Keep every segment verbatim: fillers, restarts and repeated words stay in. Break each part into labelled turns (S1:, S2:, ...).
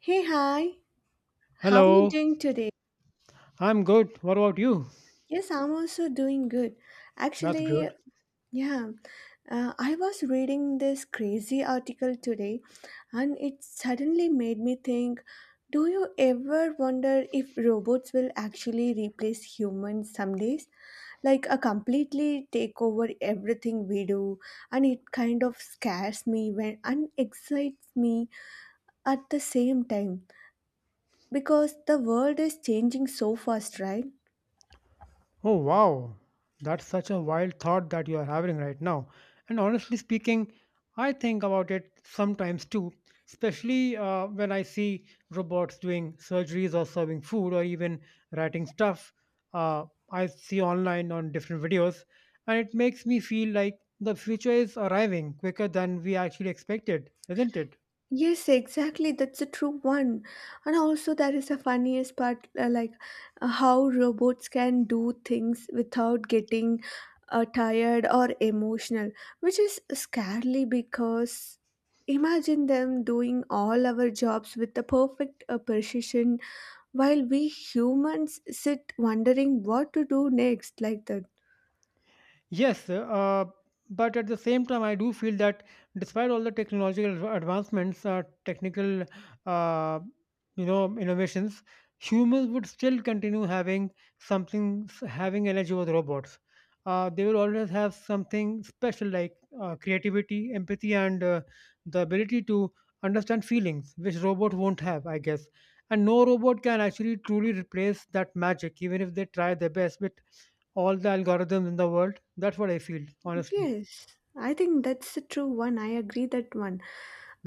S1: Hey, hi. How are you
S2: Hello,
S1: doing today?
S2: I'm good. What about you?
S1: Yes, I'm also doing good.
S2: That's
S1: Actually,
S2: good.
S1: yeah, uh, I was reading this crazy article today and it suddenly made me think, do you ever wonder if robots will actually replace humans some days? Like a completely take over everything we do and it kind of scares me when and excites me at the same time because the world is changing so fast, right?
S2: Oh, wow. That's such a wild thought that you are having right now. And honestly speaking, I think about it sometimes too, especially uh, when I see robots doing surgeries or serving food or even writing stuff uh, I see online on different videos. And it makes me feel like the future is arriving quicker than we actually expected, isn't it?
S1: Yes, exactly. That's a true one. And also, there is a funniest part, uh, like uh, how robots can do things without getting uh, tired or emotional, which is scary because imagine them doing all our jobs with the perfect uh, precision, while we humans sit wondering what to do next, like that.
S2: Yes, uh, but at the same time, I do feel that despite all the technological adv- advancements, uh, technical, uh, you know, innovations, humans would still continue having something, s- having energy over the robots. Uh, they will always have something special like uh, creativity, empathy, and uh, the ability to understand feelings, which robot won't have, I guess. And no robot can actually truly replace that magic, even if they try their best with all the algorithms in the world, that's what I feel, honestly.
S1: Yes, I think that's the true one. I agree that one.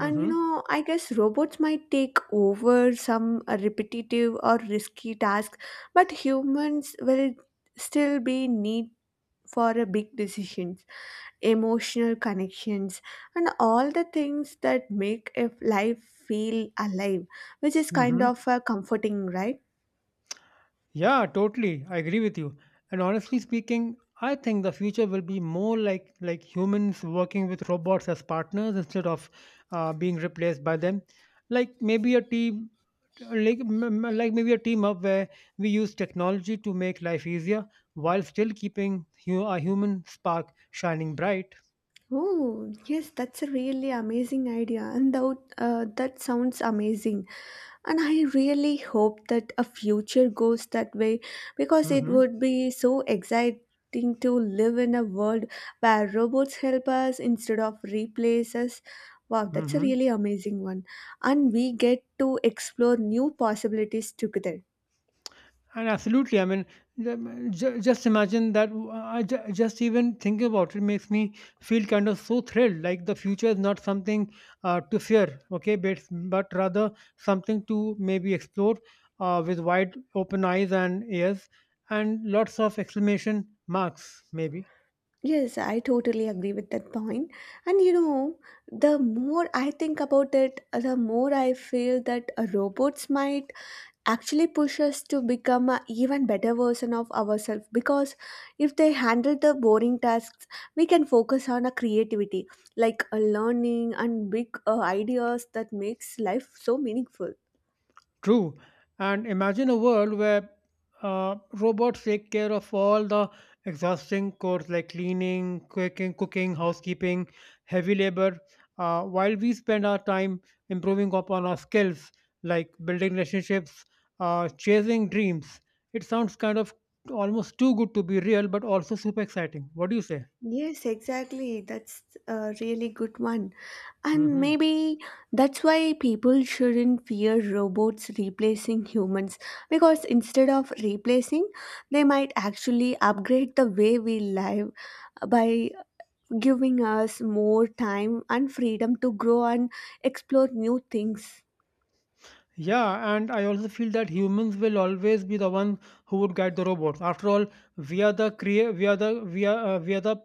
S1: And you know, I guess robots might take over some uh, repetitive or risky tasks, but humans will still be need for a big decisions, emotional connections, and all the things that make a life feel alive, which is kind
S2: Mhm.
S1: of uh, comforting, right?
S2: Yeah, totally. I agree with you. And honestly speaking, I think the future will be more like like humans working with robots as partners instead of uh, being replaced by them. Like maybe a team, like m- m- like maybe a team up where we use technology to make life easier while still keeping hu- a human spark shining bright.
S1: Oh, yes, that's a really amazing idea, and that, uh, that sounds amazing. And I really hope that a future goes that way because it
S2: Hmm.
S1: would be so exciting to live in a world where robots help us instead of replace us. Wow, that's a
S2: Hmm.
S1: really amazing one. And we get to explore new possibilities together.
S2: And absolutely, I mean, ju- ju- just imagine that. w- I ju- just even thinking about it makes me feel kind of so thrilled. Like the future is not something uh, to fear, okay, but but rather something to maybe explore uh, with wide open eyes and ears and lots of exclamation marks, maybe.
S1: Yes, I totally agree with that point. And you know, the more I think about it, the more I feel that uh, robots might actually push us to become an even better version of ourselves because if they handle the boring tasks, we can focus on a creativity, like a learning and big uh, ideas that makes life so meaningful.
S2: True. And imagine a world where uh, robots take care of all the exhausting chores like cleaning, cooking, cooking, housekeeping, heavy labor, uh, while we spend our time improving upon our skills like building relationships, uh, chasing dreams. It sounds kind of almost too good to be real, but also super exciting. What do you
S1: Yes, exactly. That's a really good one. And
S2: say?
S1: maybe that's why people shouldn't fear robots replacing humans because instead of replacing, they might actually upgrade the way we live by giving us more time and freedom to grow and explore new things.
S2: Yeah, and I also feel that humans will always be the ones who would guide the robots. After all, we are the crea- we are the we are uh, we are the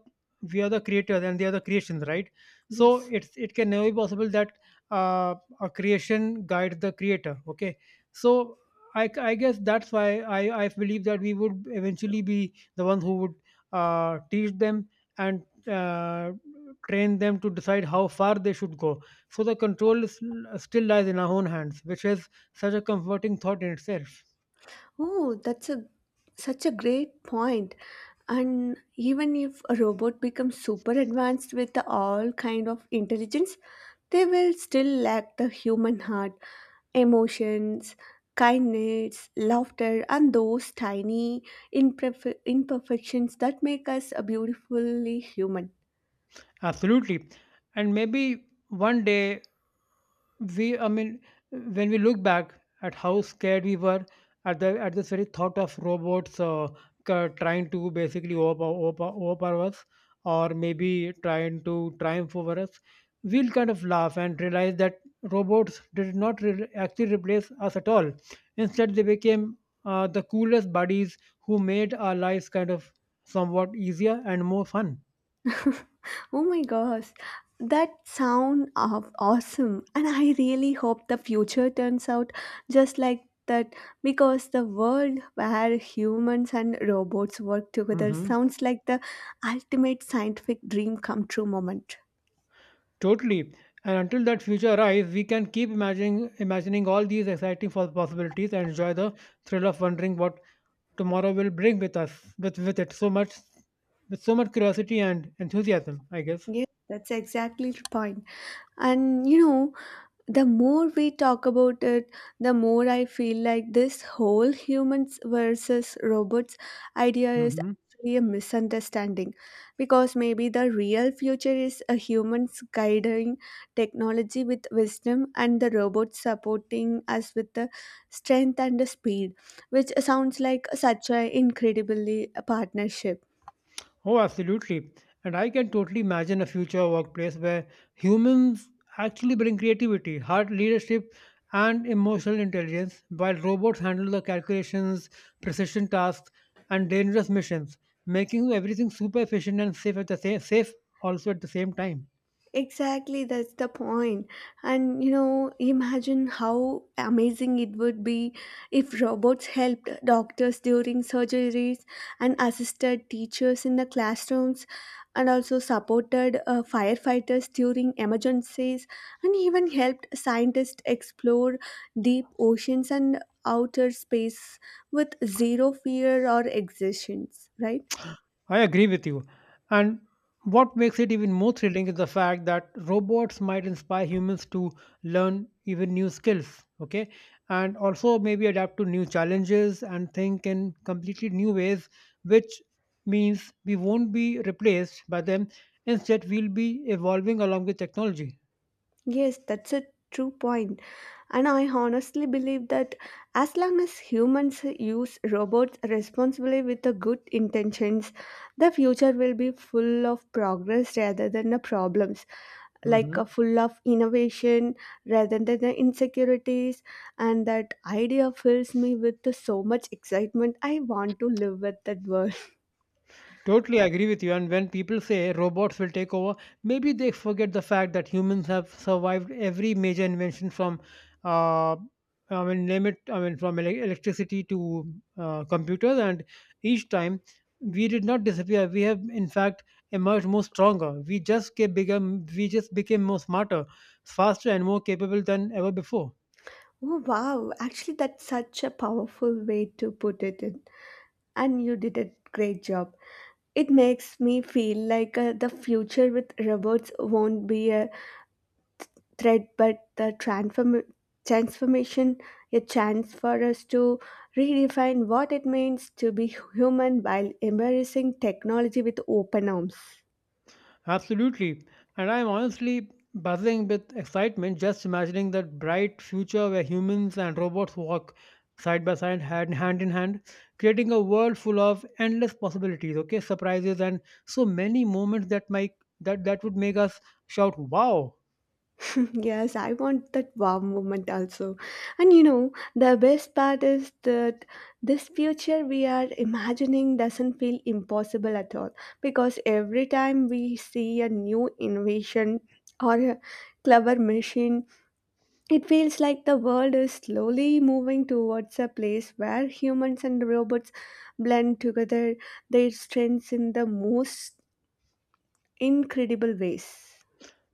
S2: we are the creators and they are the creations, right? So
S1: Yes.
S2: it's it can never be possible that uh, a creation guides the creator. Okay, so I, I guess that's why I I believe that we would eventually be the ones who would uh, teach them and uh, train them to decide how far they should go, so the control is, still lies in our own hands, which is such a comforting thought in itself.
S1: Oh, that's a such a great point. And even if a robot becomes super advanced with all kind of intelligence, they will still lack the human heart, emotions, kindness, laughter, and those tiny imperf- imperfections that make us a beautifully human.
S2: Absolutely. And maybe one day we I mean when we look back at how scared we were at the at this very thought of robots uh, ca- trying to basically overpower, overpower, overpower us or maybe trying to triumph over us, we'll kind of laugh and realize that robots did not re- actually replace us at all. Instead they became uh, the coolest buddies who made our lives kind of somewhat easier and more fun.
S1: Oh my gosh, that sound of awesome. And I really hope the future turns out just like that because the world where humans and robots work together
S2: Hmm.
S1: sounds like the ultimate scientific dream come true moment.
S2: Totally. And until that future arrives, we can keep imagining imagining all these exciting pos- possibilities and enjoy the thrill of wondering what tomorrow will bring with us with with it, so much with so much curiosity and enthusiasm, I guess.
S1: Yeah, that's exactly the point. And you know, the more we talk about it, the more I feel like this whole humans versus robots idea is
S2: Mhm.
S1: actually a misunderstanding because maybe the real future is a humans guiding technology with wisdom and the robots supporting us with the strength and the speed, which sounds like such an incredibly partnership.
S2: Oh, absolutely. And I can totally imagine a future workplace where humans actually bring creativity, hard leadership, and emotional intelligence, while robots handle the calculations, precision tasks, and dangerous missions, making everything super efficient and safe at the same safe also at the same time.
S1: Exactly, that's the point. And you know, imagine how amazing it would be if robots helped doctors during surgeries and assisted teachers in the classrooms and also supported uh, firefighters during emergencies and even helped scientists explore deep oceans and outer space with zero fear or exertions, right?
S2: I agree with you. And what makes it even more thrilling is the fact that robots might inspire humans to learn even new skills, okay? And also maybe adapt to new challenges and think in completely new ways, which means we won't be replaced by them. Instead, we'll be evolving along with technology.
S1: Yes, that's a true point. And I honestly believe that as long as humans use robots responsibly with the good intentions, the future will be full of progress rather than the problems, like uh,
S2: Mhm.
S1: full of innovation rather than the insecurities. And that idea fills me with the so much excitement. I want to live with that world.
S2: Totally agree with you. And when people say robots will take over, maybe they forget the fact that humans have survived every major invention from, uh, I mean, name it, I mean, from ele- electricity to uh, computers. And each time we did not disappear. We have, in fact, emerged more stronger. We just get bigger, we just became more smarter, faster, and more capable than ever before.
S1: Oh, wow. Actually, that's such a powerful way to put it in. And you did a great job. It makes me feel like uh, the future with robots won't be a threat but the transform- transformation, a chance for us to redefine what it means to be human while embracing technology with open arms.
S2: Absolutely. And I'm honestly buzzing with excitement just imagining that bright future where humans and robots walk side by side, hand, hand in hand, creating a world full of endless possibilities, okay, surprises and so many moments that might that, that would make us shout wow.
S1: Yes, I want that wow moment also. And you know, the best part is that this future we are imagining doesn't feel impossible at all because every time we see a new innovation or a clever machine, it feels like the world is slowly moving towards a place where humans and robots blend together their strengths in the most incredible ways.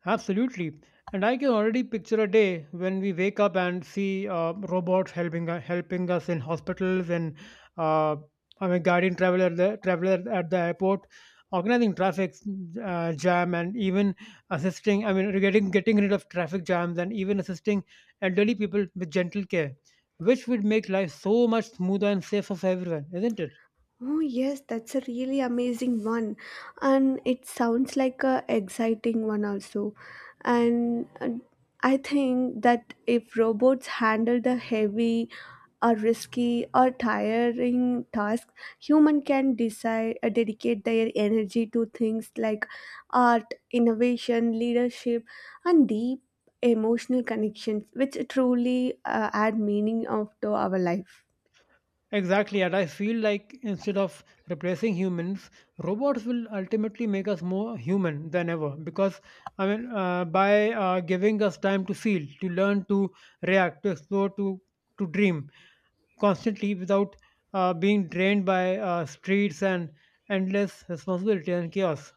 S2: Absolutely. And I can already picture a day when we wake up and see uh, robots helping uh, helping us in hospitals and uh, I mean guiding traveler at the traveler at the airport, organizing traffic uh, jam and even assisting. I mean getting getting rid of traffic jams and even assisting elderly people with gentle care, which would make life so much smoother and safer for everyone, isn't it?
S1: Oh yes, that's a really amazing one, and it sounds like a exciting one also. And uh, I think that if robots handle the heavy, or risky, or tiring tasks, human can decide uh, dedicate their energy to things like art, innovation, leadership, and deep emotional connections, which truly uh, add meaning of to our life.
S2: Exactly, and I feel like instead of replacing humans, robots will ultimately make us more human than ever. Because I mean, uh, by uh, giving us time to feel, to learn, to react, to explore, to to dream constantly without uh, being drained by uh, streets and endless responsibility and chaos.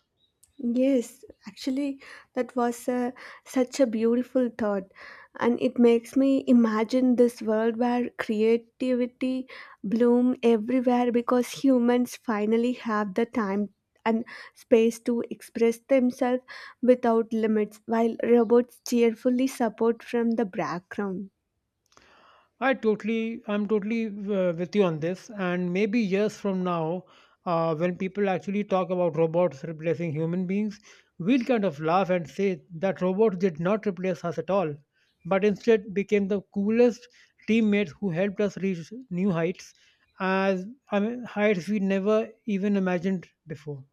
S1: Yes, actually, that was a, such a beautiful thought, and it makes me imagine this world where creativity bloom everywhere because humans finally have the time and space to express themselves without limits, while robots cheerfully support from the background.
S2: I totally, I'm totally uh, with you on this. And maybe years from now, uh, when people actually talk about robots replacing human beings, we'll kind of laugh and say that robots did not replace us at all, but instead became the coolest teammates who helped us reach new heights, as I mean, heights we never even imagined before.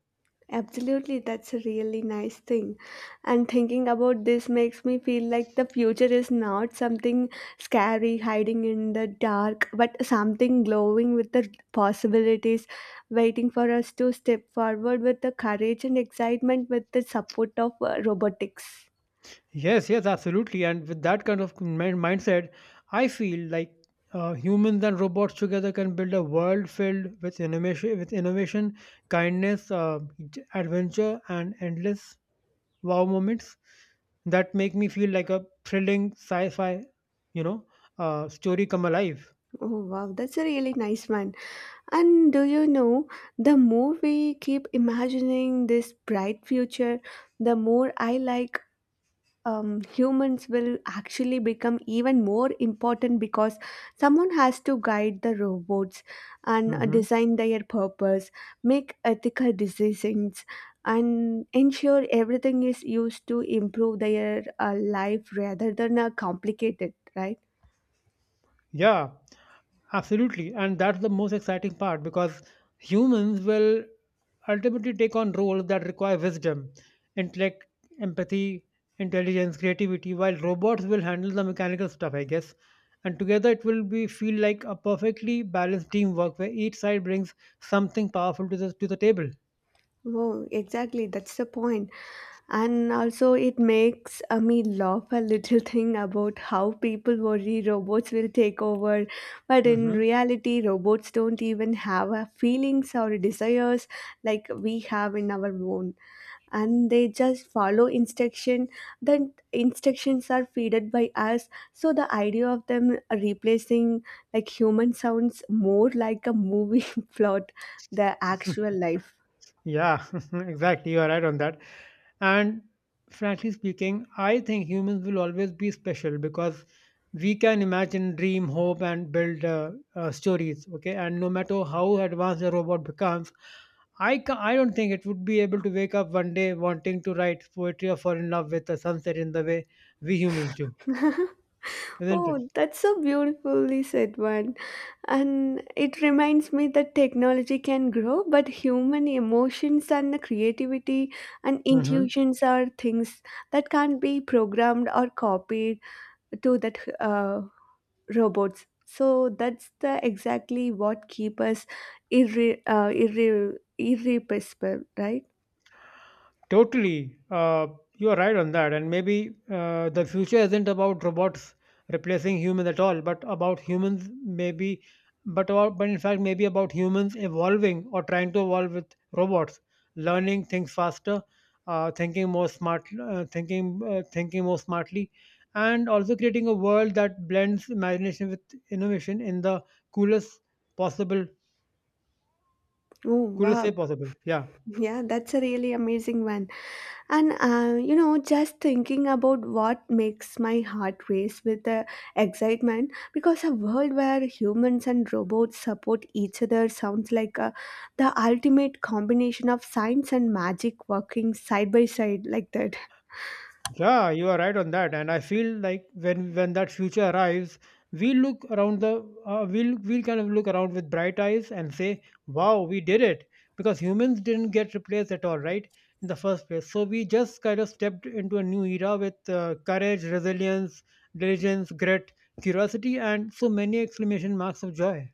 S1: Absolutely, that's a really nice thing. And thinking about this makes me feel like the future is not something scary hiding in the dark, but something glowing with the possibilities, waiting for us to step forward with the courage and excitement with the support of uh, robotics.
S2: Yes, yes, absolutely. And with that kind of min- mindset, I feel like uh, humans and robots together can build a world filled with innovation, with innovation, kindness, uh, j- adventure, and endless wow moments that make me feel like a thrilling sci-fi, you know, uh, story come alive.
S1: Oh wow, that's a really nice one. And do you know, the more we keep imagining this bright future, the more I like um, humans will actually become even more important because someone has to guide the robots and uh,
S2: Hmm.
S1: design their purpose, make ethical decisions, and ensure everything is used to improve their uh, life rather than uh, complicate it, right?
S2: Yeah, absolutely. And that's the most exciting part because humans will ultimately take on roles that require wisdom, intellect, empathy, intelligence, creativity, while robots will handle the mechanical stuff, I guess. And together it will be feel like a perfectly balanced teamwork where each side brings something powerful to the to the table.
S1: Oh, exactly. That's the point. And also it makes uh, me laugh a little thing about how people worry robots will take over, but in
S2: Mhm.
S1: reality robots don't even have a feelings or desires like we have in our own, and they just follow instruction, then instructions are feeded by us, so the idea of them replacing like human sounds more like a movie plot than actual life.
S2: Yeah, exactly. You are right on that. And frankly speaking, I think humans will always be special because we can imagine, dream, hope, and build uh, uh, stories. Okay, and no matter how advanced a robot becomes, I ca- I don't think it would be able to wake up one day wanting to write poetry or fall in love with a sunset in the way we humans do, isn't
S1: Oh, that's so beautifully said one. And it reminds me that technology can grow, but human emotions and the creativity and
S2: it?
S1: intuitions are things that can't be programmed or copied to that uh, robots. So that's the exactly what keep us irre- uh, irre- irrepressible, right?
S2: Totally. Uh, you're right on that. And maybe uh, the future isn't about robots replacing humans at all, but about humans maybe, but about, but in fact maybe about humans evolving or trying to evolve with robots, learning things faster, uh, thinking more smart, uh, thinking uh, thinking more smartly, and also creating a world that blends imagination with innovation in the coolest possible,
S1: Oh
S2: coolest way
S1: wow,
S2: possible. Yeah.
S1: yeah, that's a really amazing one. And uh, you know, just thinking about what makes my heart race with uh, excitement because a world where humans and robots support each other sounds like uh, the ultimate combination of science and magic working side by side like that.
S2: Yeah, you are right on that, and I feel like when when that future arrives, we look around the uh, we'll we'll kind of look around with bright eyes and say, "Wow, we did it!" Because humans didn't get replaced at all, right, in the first place. So we just kind of stepped into a new era with uh, courage, resilience, diligence, grit, curiosity, and so many exclamation marks of joy.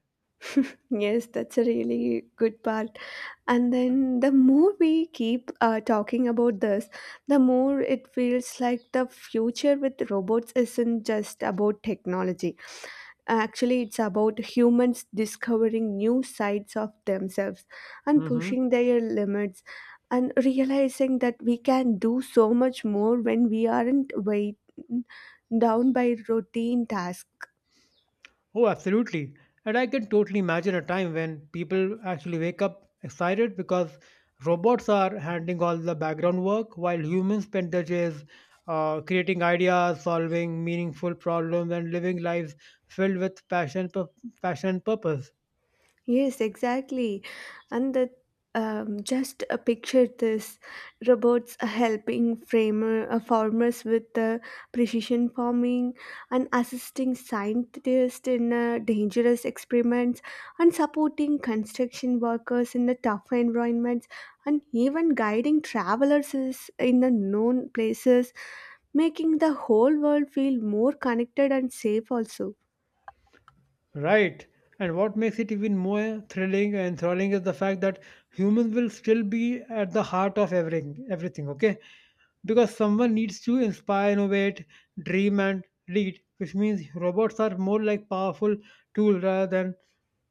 S1: Yes, that's a really good part. And then the more we keep uh, talking about this, the more it feels like the future with robots isn't just about technology. Actually, it's about humans discovering new sides of themselves and
S2: Hmm.
S1: pushing their limits and realizing that we can do so much more when we aren't weighed down by routine tasks.
S2: Oh, absolutely. And I can totally imagine a time when people actually wake up excited because robots are handling all the background work while humans spend their days uh, creating ideas, solving meaningful problems, and living lives filled with passion, pu- passion and purpose.
S1: Yes, exactly. And that um, just uh, picture this: robots uh, helping framer, uh, farmers with uh, precision farming and assisting scientists in uh, dangerous experiments and supporting construction workers in the tough environments and even guiding travelers is- in the known places, making the whole world feel more connected and safe also.
S2: Right. And what makes it even more thrilling and thrilling is the fact that humans will still be at the heart of everything, everything, okay? Because someone needs to inspire, innovate, dream, and lead, which means robots are more like powerful tool rather than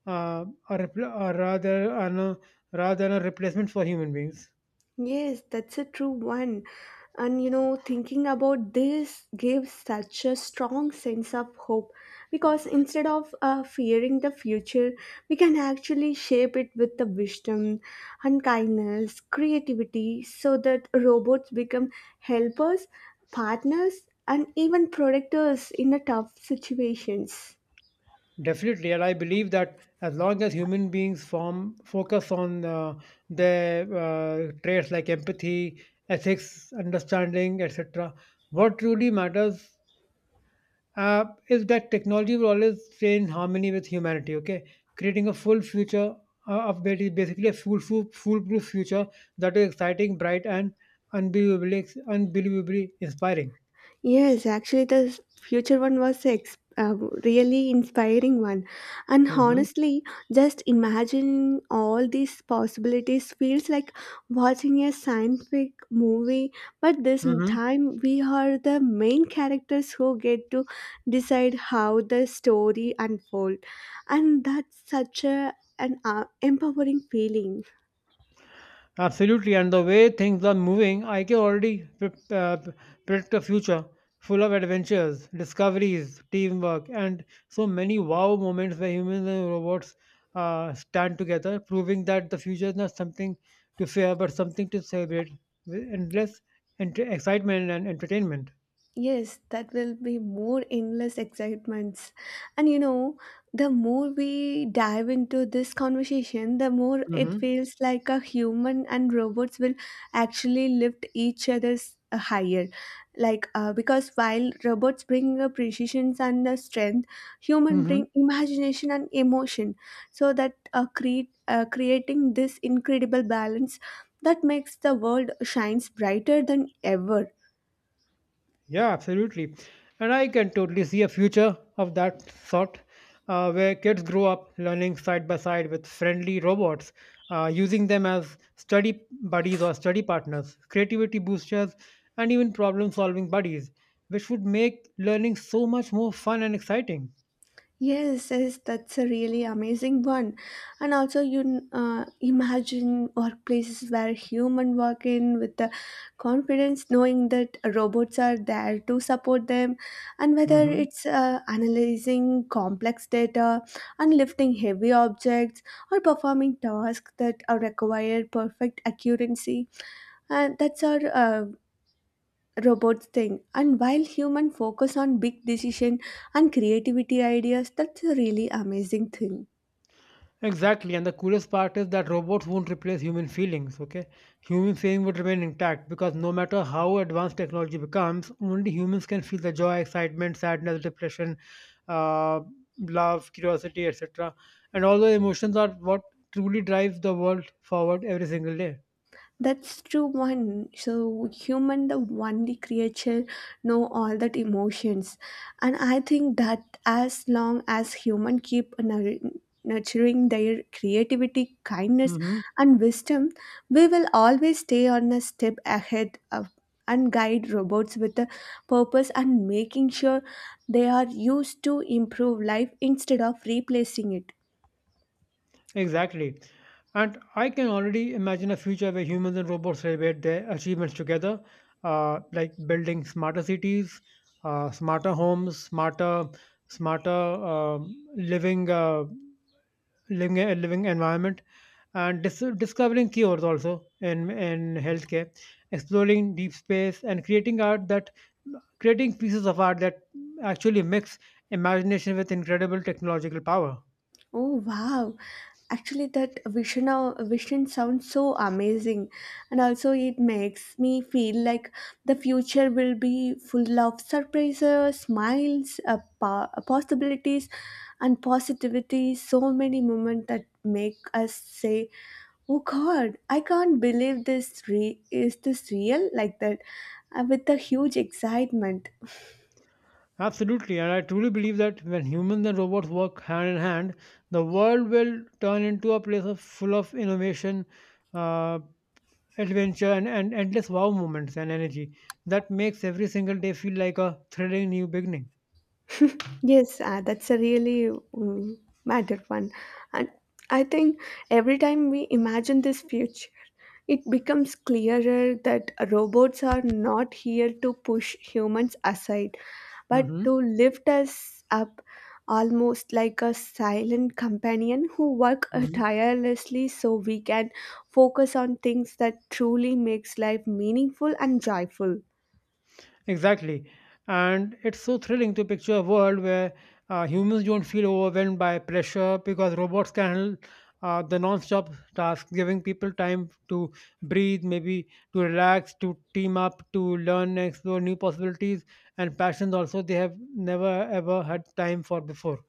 S2: uh, a repl- uh, rather an, uh, no, rather than a replacement for human beings.
S1: Yes, that's a true one. And you know, thinking about this gives such a strong sense of hope because instead of uh, fearing the future, we can actually shape it with the wisdom and kindness, creativity, so that robots become helpers, partners, and even protectors in the tough situations.
S2: Definitely, and I believe that as long as human beings form focus on uh, their uh, traits like empathy, ethics, understanding, et cetera, what truly matters uh, is that technology will always stay in harmony with humanity. Okay, creating a full future uh, of basi- basically a full, full foolproof future that is exciting, bright, and unbelievably unbelievably inspiring.
S1: Yes, actually, the s- future one was ex- uh, really inspiring one, and
S2: Hmm.
S1: honestly, just imagining all these possibilities feels like watching a scientific movie. But this m- time, we are the main characters who get to decide how the story unfolds, and that's such a an uh, empowering feeling.
S2: Absolutely, and the way things are moving, I can already pre- uh, predict a future full of adventures, discoveries, teamwork, and so many wow moments where humans and robots uh, stand together, proving that the future is not something to fear but something to celebrate with endless ent- excitement and entertainment.
S1: Yes, that will be more endless excitements. And you know, the more we dive into this conversation, the more it
S2: Mm-hmm.
S1: feels like a human and robots will actually lift each other's uh, higher. Like, uh, because while robots bring uh, precision and uh, strength, human bring imagination and emotion. So that uh, create uh, creating this incredible balance that makes the world shines brighter than ever.
S2: Yeah, absolutely. And I can totally see a future of that sort, uh, where kids grow up learning side by side with friendly robots, uh, using them as study buddies or study partners, creativity boosters, and even problem solving buddies, which would make learning so much more fun and exciting.
S1: Yes, yes, that's a really amazing one. And also, you uh, imagine workplaces where human work in with the confidence, knowing that robots are there to support them, and whether
S2: Hmm
S1: it's uh, analyzing complex data, and lifting heavy objects, or performing tasks that uh, require perfect accuracy, and that's our uh, robots thing, and while human focus on big decision and creativity ideas, that's a really amazing thing.
S2: Exactly, and the coolest part is that robots won't replace human feelings, okay? Human feeling would remain intact because no matter how advanced technology becomes, only humans can feel the joy, excitement, sadness, depression, uh, love, curiosity, et cetera. And all those emotions are what truly drives the world forward every single day.
S1: That's true one. So human the only creature know all that emotions. And I think that as long as human keep nur- nurturing their creativity, kindness
S2: Hmm
S1: and wisdom, we will always stay on a step ahead of and guide robots with a purpose and making sure they are used to improve life instead of replacing it.
S2: Exactly. And I can already imagine a future where humans and robots celebrate their achievements together, uh, like building smarter cities, uh, smarter homes, smarter, smarter um living, uh, living, living environment, and dis- discovering cures also in in healthcare, exploring deep space, and creating art that creating pieces of art that actually mix imagination with incredible technological power.
S1: Oh wow. Actually that vision of, vision sounds so amazing, and also it makes me feel like the future will be full of surprises, smiles, uh, po- uh, possibilities and positivity, so many moments that make us say, "Oh god, I can't believe this re- is this real?" like that, uh, with a huge excitement.
S2: Absolutely, and I truly believe that when humans and robots work hand in hand, the world will turn into a place of full of innovation, uh, adventure, and, and endless wow moments and energy that makes every single day feel like a thrilling new beginning.
S1: Yes, uh, that's a really um, matter one. And I think every time we imagine this future, it becomes clearer that robots are not here to push humans aside, but to
S2: Hmm
S1: lift us up, almost like a silent companion who work uh,
S2: hmm
S1: tirelessly so we can focus on things that truly makes life meaningful and joyful.
S2: Exactly. And it's so thrilling to picture a world where, uh, humans don't feel overwhelmed by pressure because robots can handle uh, the non-stop tasks, giving people time to breathe, maybe to relax, to team up, to learn explore new possibilities and passions also they have never ever had time for before.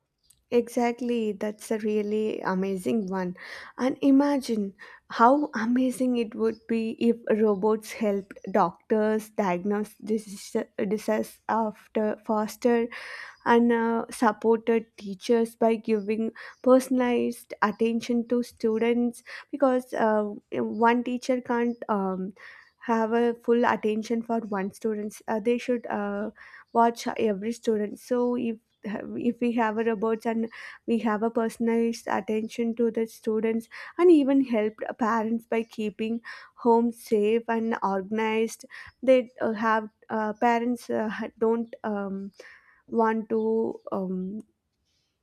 S1: Exactly, that's a really amazing one. And imagine how amazing it would be if robots helped doctors diagnose disease- diseases after faster, and uh, supported teachers by giving personalized attention to students, because uh, one teacher can't um, have a full attention for one student. Uh, they should uh, watch every student, so if if we have a robots and we have a personalized attention to the students, and even helped parents by keeping home safe and organized. They uh, have uh, parents uh, ha- don't um, want to um,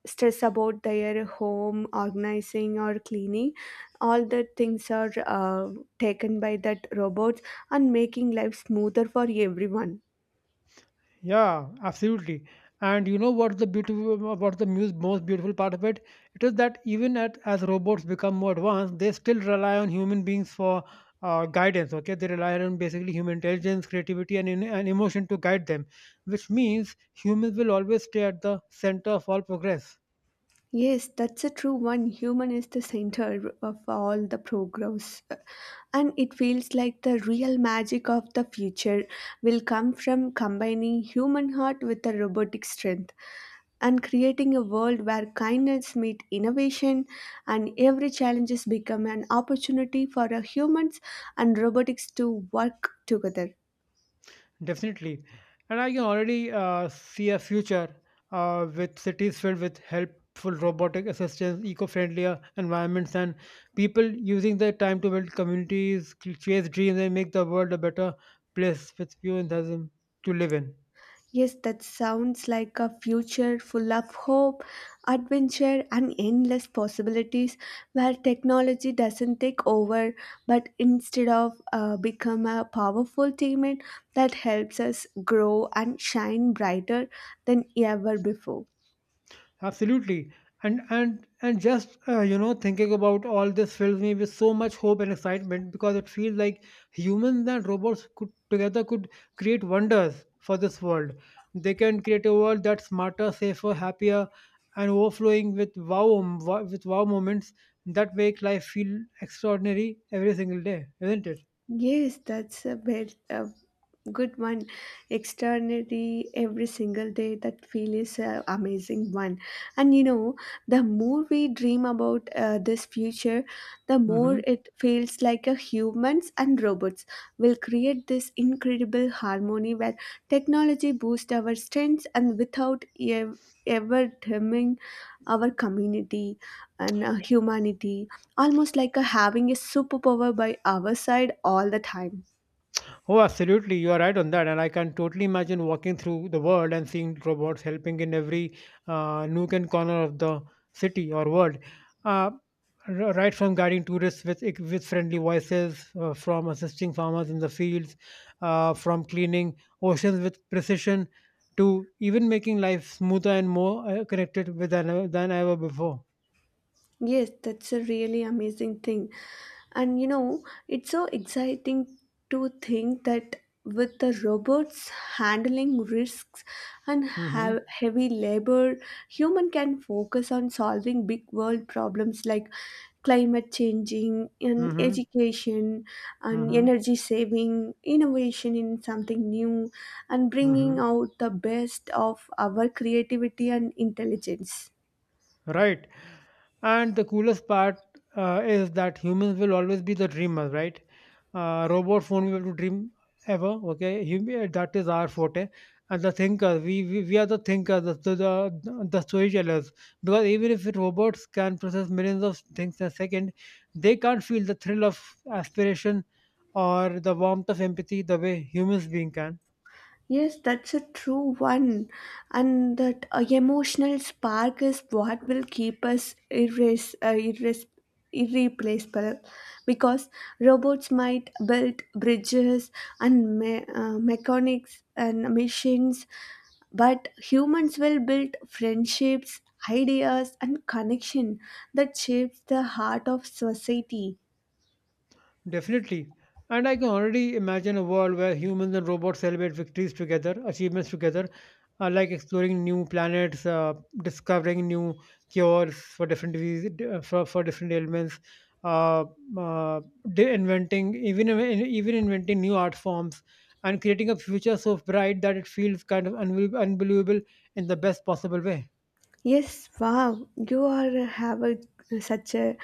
S1: stress about their home organizing or cleaning. All the things are uh, taken by that robots, and making life smoother for everyone.
S2: Yeah, absolutely. And you know what's the beautiful, what's the muse, most beautiful part of it? It is that even at, as robots become more advanced, they still rely on human beings for, uh, guidance. Okay, they rely on basically human intelligence, creativity, and, in, and emotion to guide them, which means humans will always stay at the center of all progress.
S1: Yes, that's a true one. Human is the center of all the progress, and it feels like the real magic of the future will come from combining human heart with the robotic strength and creating a world where kindness meets innovation and every challenge has become an opportunity for our humans and robotics to work together.
S2: Definitely. And I can already uh, see a future uh, with cities filled with helpful robotic assistants, eco friendlier environments, and people using their time to build communities, chase dreams, and make the world a better place with few enthusiasm to live in.
S1: Yes, that sounds like a future full of hope, adventure, and endless possibilities, where technology doesn't take over but instead of uh, become a powerful teammate that helps us grow and shine brighter than ever before.
S2: Absolutely. And and and just uh, you know, thinking about all this fills me with so much hope and excitement because it feels like humans and robots could together could create wonders for this world. They can create a world that's smarter, safer, happier, and overflowing with wow wow- with wow moments that make life feel extraordinary every single day, isn't it?
S1: Yes, that's a very, a good one. Externally every single day that feel is a amazing one. And you know, the more we dream about uh, this future, the more
S2: Hmm
S1: it feels like a humans and robots will create this incredible harmony where technology boosts our strengths and without ev- ever dimming our community and uh, humanity, almost like a having a superpower by our side all the time.
S2: Oh, absolutely. You are right on that. And I can totally imagine walking through the world and seeing robots helping in every, uh, nook and corner of the city or world. Uh, r- right from guiding tourists with, with friendly voices, uh, from assisting farmers in the fields, uh, from cleaning oceans with precision, to even making life smoother and more, uh, connected with than, than ever before.
S1: Yes, that's a really amazing thing. And you know, it's so exciting to think that with the robots handling risks and
S2: Mm-hmm.
S1: have heavy labor, human can focus on solving big world problems like climate changing and
S2: Mm-hmm.
S1: education and
S2: Mm-hmm.
S1: energy saving, innovation in something new, and bringing
S2: Mm-hmm.
S1: out the best of our creativity and intelligence.
S2: Right. And the coolest part, uh, is that humans will always be the dreamers, right? Uh, robots won't be able to dream ever. Okay, Hum- eh, that is our forte. And the thinkers, we we, we are the thinkers, the, the the the storytellers. Because even if robots can process millions of things in a second, they can't feel the thrill of aspiration or the warmth of empathy the way humans being can.
S1: Yes, that's a true one. And that uh, emotional spark is what will keep us irres- uh, irres- irreplaceable, because robots might build bridges and me- uh, mechanics and machines, but humans will build friendships, ideas, and connection that shapes the heart of society.
S2: Definitely. And I can already imagine a world where humans and robots celebrate victories together, achievements together, uh, like exploring new planets, uh, discovering new cures for different diseases, for, for different ailments, uh, uh, de- inventing even even inventing new art forms, and creating a future so bright that it feels kind of unbe- unbelievable in the best possible way.
S1: Yes, wow, you are have a, such a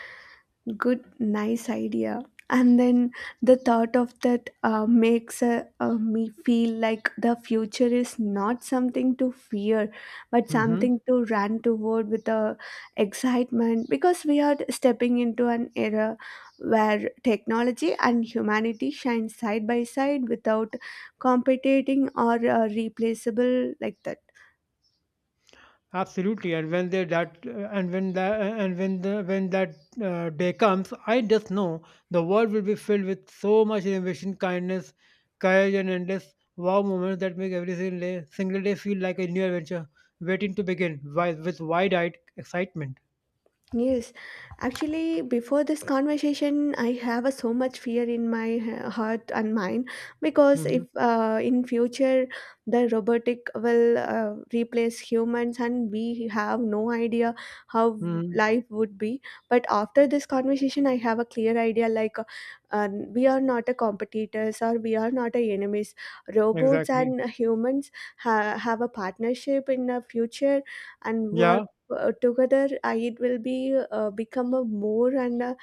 S1: good nice idea. And then the thought of that uh, makes uh, uh, me feel like the future is not something to fear, but
S2: Hmm
S1: something to run toward with a excitement, because we are stepping into an era where technology and humanity shine side by side without competing or uh, replaceable like that.
S2: Absolutely, and when they that and when that and when the when that uh, day comes, I just know the world will be filled with so much innovation, kindness, courage, and endless wow moments that make every single day, single day feel like a new adventure waiting to begin wi- with wide-eyed excitement.
S1: Yes, actually, before this conversation, I have a so much fear in my he- heart and mind, because
S2: Hmm
S1: if uh, in future the robotic will uh, replace humans and we have no idea how
S2: hmm
S1: life would be. But after this conversation, I have a clear idea like uh, um, we are not a competitors or we are not a enemies. Robots
S2: Exactly.
S1: and humans ha- have a partnership in the future, and we are
S2: Yeah.
S1: uh, together, uh, it will be uh, become a more and a,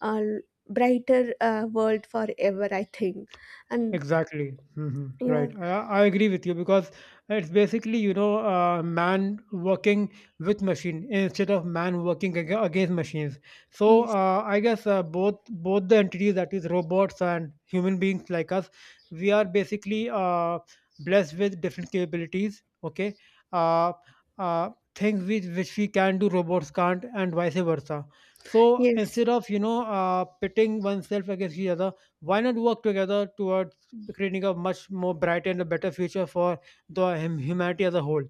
S1: uh, brighter uh, world forever I think. And
S2: Exactly. hmm
S1: yeah.
S2: Right. I, I agree with you because it's basically, you know, uh, man working with machine instead of man working ag- against machines. So
S1: Yes.
S2: uh, I guess, uh, both both the entities, that is robots and human beings like us, we are basically, uh, blessed with different capabilities. Okay. Uh, uh, things which, which we can do, robots can't, and vice versa. So
S1: Yes,
S2: instead of, you know, uh, pitting oneself against each other, why not work together towards creating a much more bright and a better future for the hum- humanity as a whole,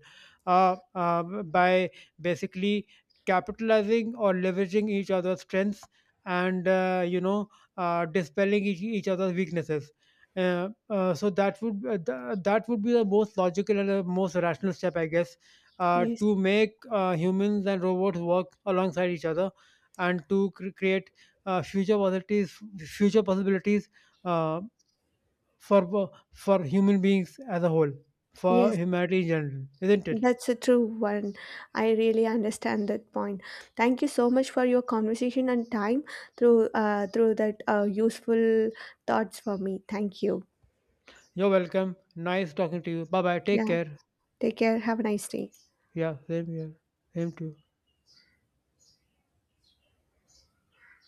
S2: uh, uh, by basically capitalizing or leveraging each other's strengths and, uh, you know, uh, dispelling each, each other's weaknesses, uh, uh, so that would uh, th- that would be the most logical and the most rational step, I guess, uh,
S1: yes,
S2: to make uh, humans and robots work alongside each other and to cre- create, uh, future possibilities future possibilities, uh, for for human beings as a whole, for
S1: yes,
S2: humanity in general, isn't it?
S1: that's a true one. I really understand that point. Thank you so much for your conversation and time, through uh, through that uh, useful thoughts for me. Thank you.
S2: You're welcome. Nice talking to you. Bye bye. Take
S1: Yeah,
S2: care.
S1: take care, have a nice day.
S2: Yeah, same here. Same to you.